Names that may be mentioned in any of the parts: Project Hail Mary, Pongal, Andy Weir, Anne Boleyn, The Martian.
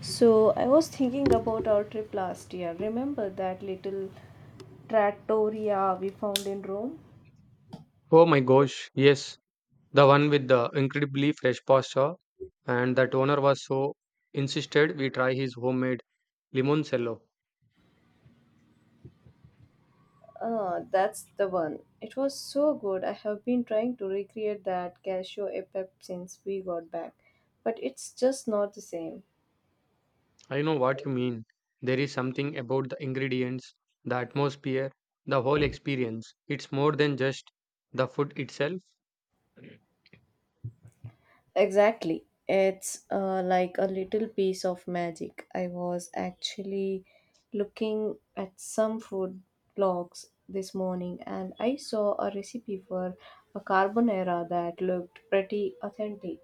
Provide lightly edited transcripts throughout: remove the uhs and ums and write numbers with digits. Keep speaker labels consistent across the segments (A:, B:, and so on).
A: So I was thinking about our trip last year. Remember that little trattoria we found in Rome?
B: Oh my gosh, yes, the one with the incredibly fresh pasta, and that owner was so insisted we try his homemade limoncello.
A: Ah, that's the one. It was so good. I have been trying to recreate that cashew e pep since we got back, but it's just not the same.
B: I know what you mean. There is something about the ingredients, the atmosphere, the whole experience. It's more than just the food itself.
A: Exactly. It's like a little piece of magic. I was actually looking at some food blogs this morning and I saw a recipe for a carbonara that looked pretty authentic.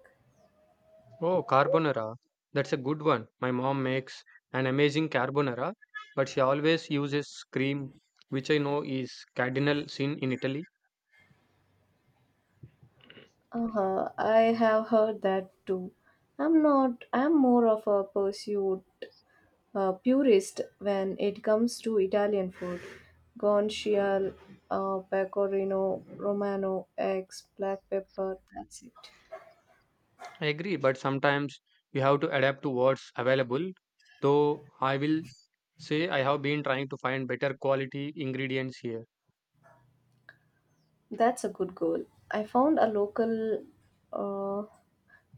B: Oh, carbonara. That's a good one. My mom makes an amazing carbonara, but she always uses cream, which I know is cardinal sin in Italy.
A: Uh-huh. I have heard that too. I'm not, I'm more of a pursuit purist when it comes to Italian food. Guanciale, pecorino romano, eggs, black pepper. That's it.
B: I agree, but sometimes you have to adapt to what's available. Though I will say I have been trying to find better quality ingredients here.
A: That's a good goal. I found a local uh,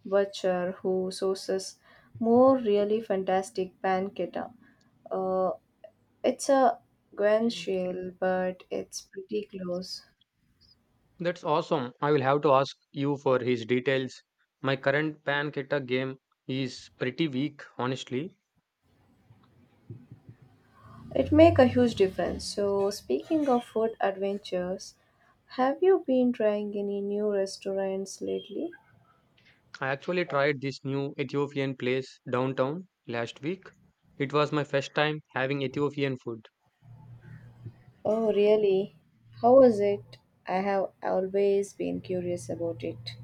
A: butcher who sources more really fantastic pancetta. Uh, it's a guanciale, but it's pretty close.
B: That's awesome. I will have to ask you for his details. My current pancetta game is pretty weak, honestly.
A: It make a huge difference. So speaking of food adventures, have you been trying any new restaurants lately?
B: I actually tried this new Ethiopian place downtown last week. It was my first time having Ethiopian food.
A: Oh really? How was it? I have always been curious about it.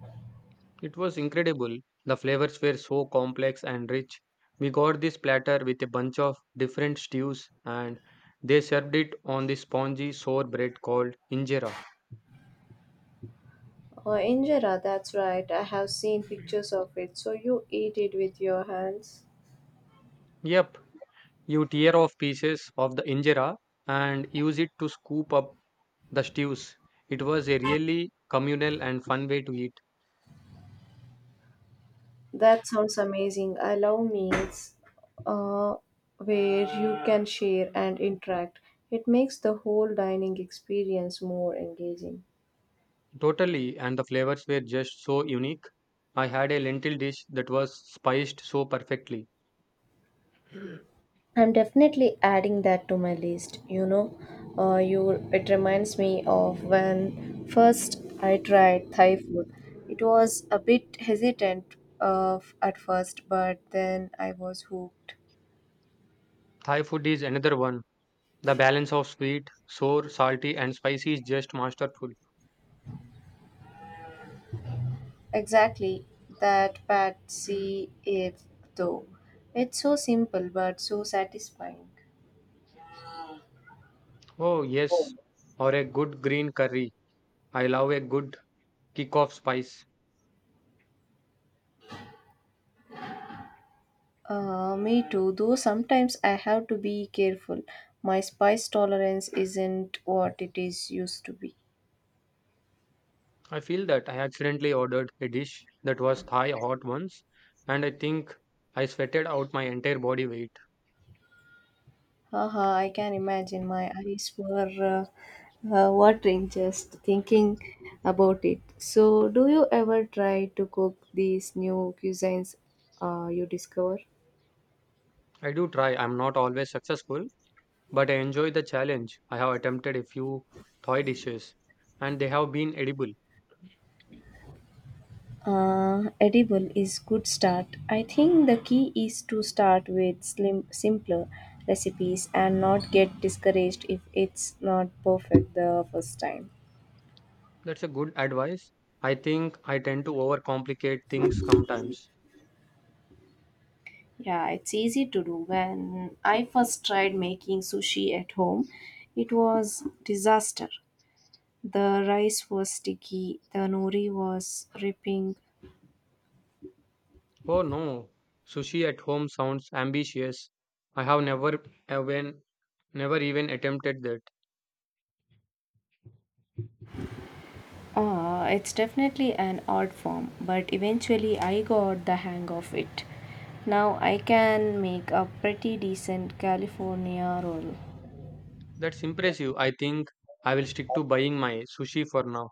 B: It was incredible. The flavors were so complex and rich. We got this platter with a bunch of different stews and they served it on this spongy sour bread called injera.
A: Oh, injera, that's right. I have seen pictures of it. So you eat it with your hands.
B: Yep, you tear off pieces of the injera and use it to scoop up the stews. It was a really communal and fun way to eat.
A: That sounds amazing. I love meals uh, where you can share and interact. It makes the whole dining experience more engaging.
B: Totally, and the flavors were just so unique. I had a lentil dish that was spiced so perfectly.
A: I'm definitely adding that to my list. You know, you it reminds me of when first I tried Thai food. It was a bit hesitant at first, but then I was hooked.
B: Thai food is another one. The balance of sweet, sour, salty, and spicy is just masterful.
A: Exactly that pad see if though. It's so simple but so satisfying.
B: Oh, yes, or a good green curry. I love a good kick of spice.
A: Me too, though sometimes I have to be careful. My spice tolerance isn't what it is used to be.
B: I feel that I accidentally ordered a dish that was Thai hot once, and I think I sweated out my entire body weight.
A: Haha, I can imagine my eyes were watering just thinking about it. So, do you ever try to cook these new cuisines you discover?
B: I do try, I'm not always successful, but I enjoy the challenge. I have attempted a few Thai dishes, and they have been edible.
A: Edible is good start. I think the key is to start with slim, simpler recipes and not get discouraged if it's not perfect the first time.
B: That's a good advice. I think I tend to overcomplicate things sometimes.
A: Yeah, it's easy to do. When I first tried making sushi at home, it was disaster. The rice was sticky, the nori was ripping.
B: Oh no, sushi at home sounds ambitious. I have never even never even attempted that.
A: It's definitely an art form, but eventually I got the hang of it. Now I can make a pretty decent California roll.
B: That's impressive. I think I will stick to buying my sushi for now.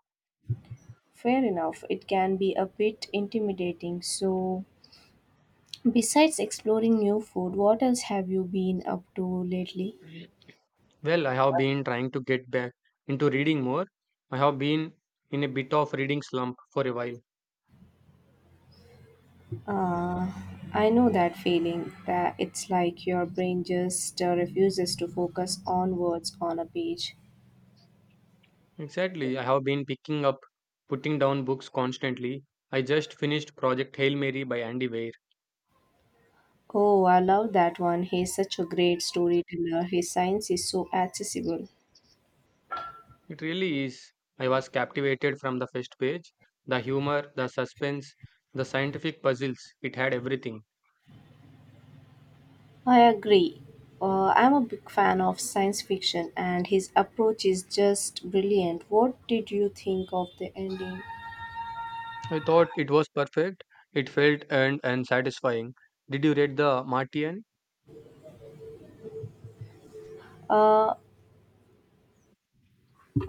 A: Fair enough, it can be a bit intimidating. So, besides exploring new food, what else have you been up to lately?
B: Well, I have been trying to get back into reading more. I have been in a bit of reading slump for a while.
A: Uh, I know that feeling. That it's like your brain just refuses to focus on words on a page.
B: Exactly. I have been picking up, putting down books constantly. I just finished Project Hail Mary by Andy Weir.
A: Oh, I love that one. He's such a great storyteller. His science is so accessible.
B: It really is. I was captivated from the first page. The humor, the suspense, the scientific puzzles, it had everything.
A: I agree. I'm a big fan of science fiction, and his approach is just brilliant. What did you think of the ending?
B: I thought it was perfect. It felt earned and satisfying. Did you read The Martian?
A: Uh,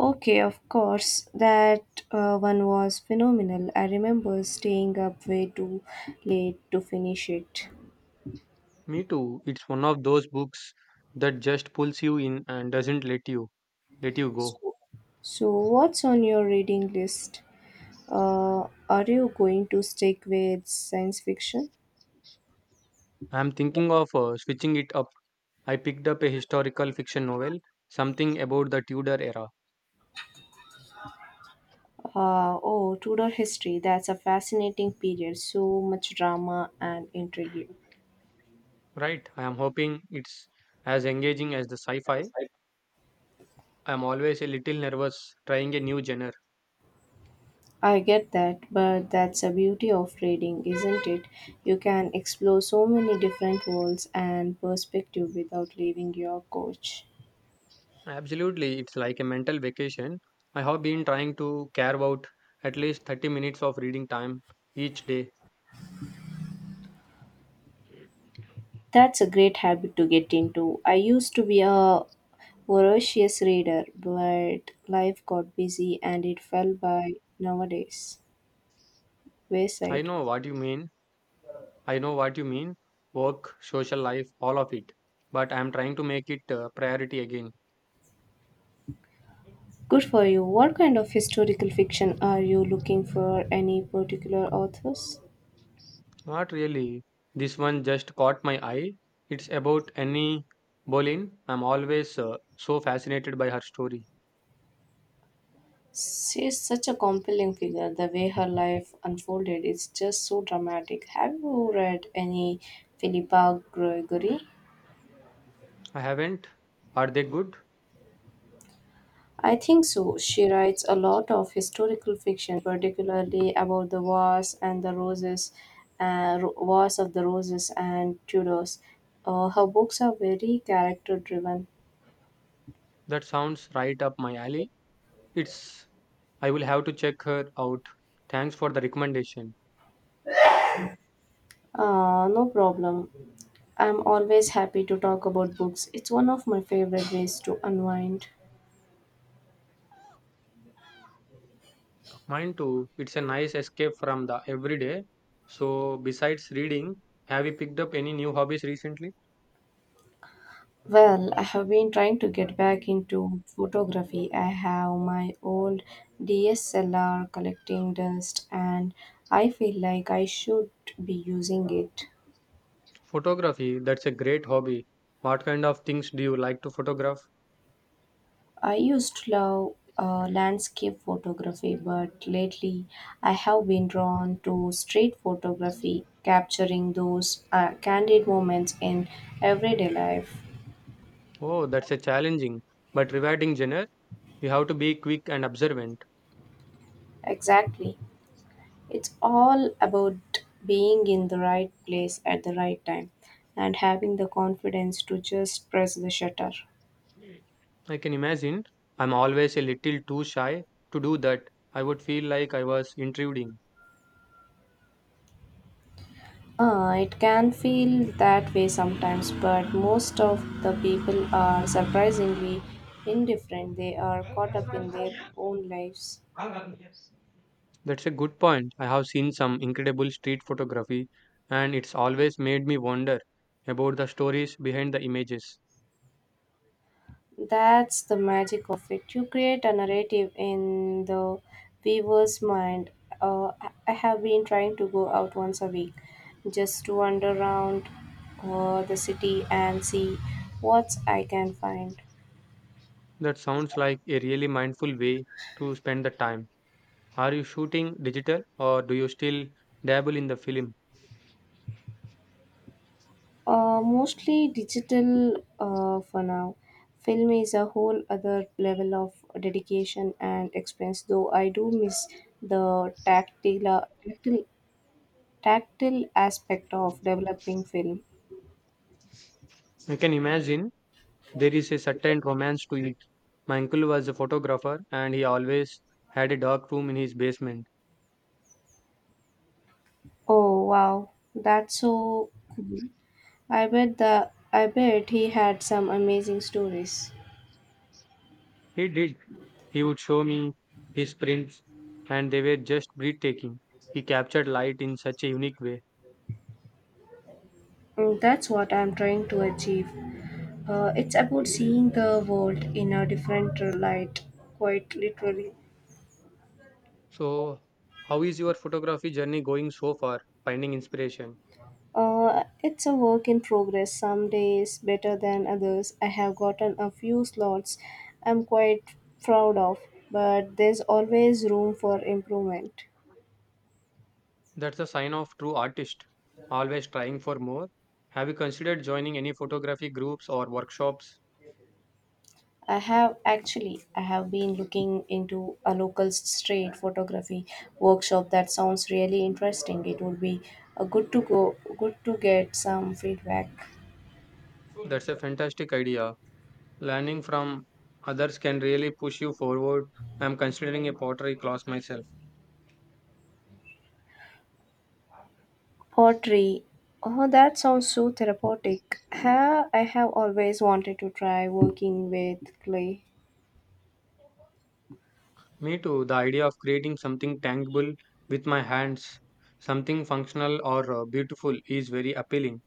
A: Okay, of course. That one was phenomenal. I remember staying up way too late to finish it.
B: Me too. It's one of those books that just pulls you in and doesn't let you go.
A: So, so what's on your reading list? Are you going to stick with science fiction?
B: I'm thinking of switching it up. I picked up a historical fiction novel, something about the Tudor era.
A: Oh, Tudor history. That's a fascinating period. So much drama and intrigue.
B: Right. I am hoping it's as engaging as the sci-fi. I'm always a little nervous trying a new genre.
A: I get that, but that's the beauty of reading, isn't it? You can explore so many different worlds and perspective without leaving your couch.
B: Absolutely, it's like a mental vacation. I have been trying to carve out at least 30 minutes of reading time each day.
A: That's a great habit to get into. I used to be a voracious reader, but life got busy and it fell by nowadays.
B: I
A: Wayside.
B: know what you mean. I know what you mean. Work, social life, all of it. But I'm trying to make it a priority again.
A: Good for you. What kind of historical fiction are you looking for? Any particular authors?
B: Not really. This one just caught my eye. It's about Annie Boleyn. I'm always so fascinated by her story.
A: She's such a compelling figure. The way her life unfolded is just so dramatic. Have you read any Philippa Gregory?
B: I haven't. Are they good?
A: I think so. She writes a lot of historical fiction, particularly about the Wars and the Roses, Ro- Wars of the Roses and Tudors. Her books are very character driven.
B: That sounds right up my alley. It's I will have to check her out. Thanks for the recommendation.
A: No problem. I'm always happy to talk about books. It's one of my favorite ways to unwind.
B: Mine too. It's a nice escape from the everyday. So, besides reading, have you picked up any new hobbies recently?
A: Well, I have been trying to get back into photography. I have my old DSLR collecting dust and I feel like I should be using it.
B: Photography, that's a great hobby. What kind of things do you like to photograph?
A: I used to love landscape photography, but lately I have been drawn to street photography, capturing those candid moments in everyday life.
B: Oh, that's a challenging but rewarding genre. You have to be quick and observant.
A: Exactly. It's all about being in the right place at the right time and having the confidence to just press the shutter.
B: I can imagine. I'm always a little too shy to do that. I would feel like I was intruding.
A: It can feel that way sometimes, but most of the people are surprisingly indifferent. They are caught up in their own lives.
B: That's a good point. I have seen some incredible street photography, and it's always made me wonder about the stories behind the images.
A: That's the magic of it. You create a narrative in the viewer's mind. I have been trying to go out once a week just to wander around the city and see what I can find.
B: That sounds like a really mindful way to spend the time. Are you shooting digital or do you still dabble in the film?
A: Mostly digital for now. Film is a whole other level of dedication and expense, though I do miss the tactile aspect of developing film.
B: I can imagine there is a certain romance to it. My uncle was a photographer and he always had a dark room in his basement.
A: Oh wow, that's so cool. I bet he had some amazing stories.
B: He did. He would show me his prints, and they were just breathtaking. He captured light in such a unique way.
A: Mm, that's what I'm trying to achieve. It's about seeing the world in a different light, quite literally.
B: So, how is your photography journey going so far? Finding inspiration.
A: It's a work in progress. Some days better than others. I have gotten a few slots I'm quite proud of, but there's always room for improvement.
B: That's a sign of true artist. Always trying for more. Have you considered joining any photography groups or workshops?
A: I have been looking into a local street photography workshop that sounds really interesting. It would be good to get some feedback.
B: That's a fantastic idea. Learning from others can really push you forward. I'm considering a pottery class myself.
A: Pottery. Oh, that sounds so therapeutic. Ha, I have always wanted to try working with clay.
B: Me too. The idea of creating something tangible with my hands, something functional or beautiful, is very appealing.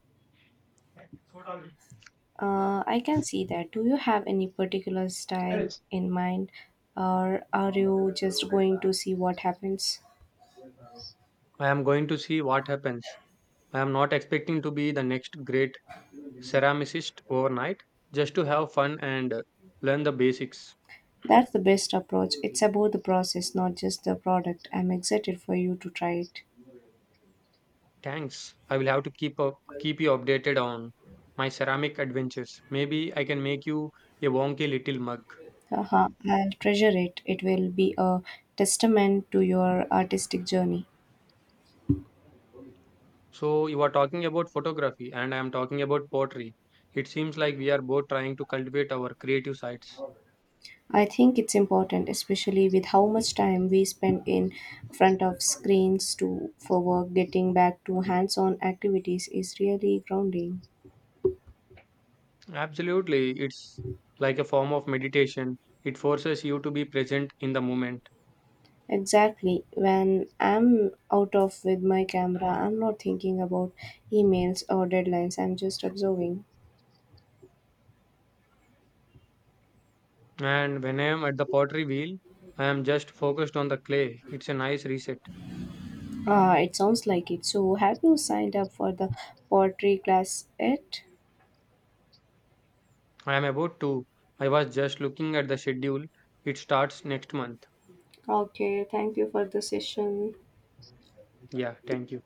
A: I can see that. Do you have any particular style in mind, or are you just going to see what happens?
B: I am going to see what happens. I am not expecting to be the next great ceramicist overnight just to have fun and learn the basics.
A: That's the best approach. It's about the process, not just the product. I'm excited for you to try it.
B: Thanks. I will have to keep you updated on my ceramic adventures. Maybe I can make you a wonky little mug.
A: Haha, I'll treasure it. It will be a testament to your artistic journey.
B: So you are talking about photography and I am talking about pottery. It seems like we are both trying to cultivate our creative sides.
A: I think it's important, especially with how much time we spend in front of screens to for work. Getting back to hands-on activities is really grounding.
B: Absolutely. It's like a form of meditation. It forces you to be present in the moment.
A: Exactly. When I'm out of with my camera, I'm not thinking about emails or deadlines. I'm just observing.
B: And when I am at the pottery wheel, I am just focused on the clay. It's a nice reset.
A: Ah, it sounds like it. So, have you signed up for the pottery class yet?
B: I am about to. I was just looking at the schedule. It starts next month.
A: Okay, thank you for the session.
B: Yeah, thank you.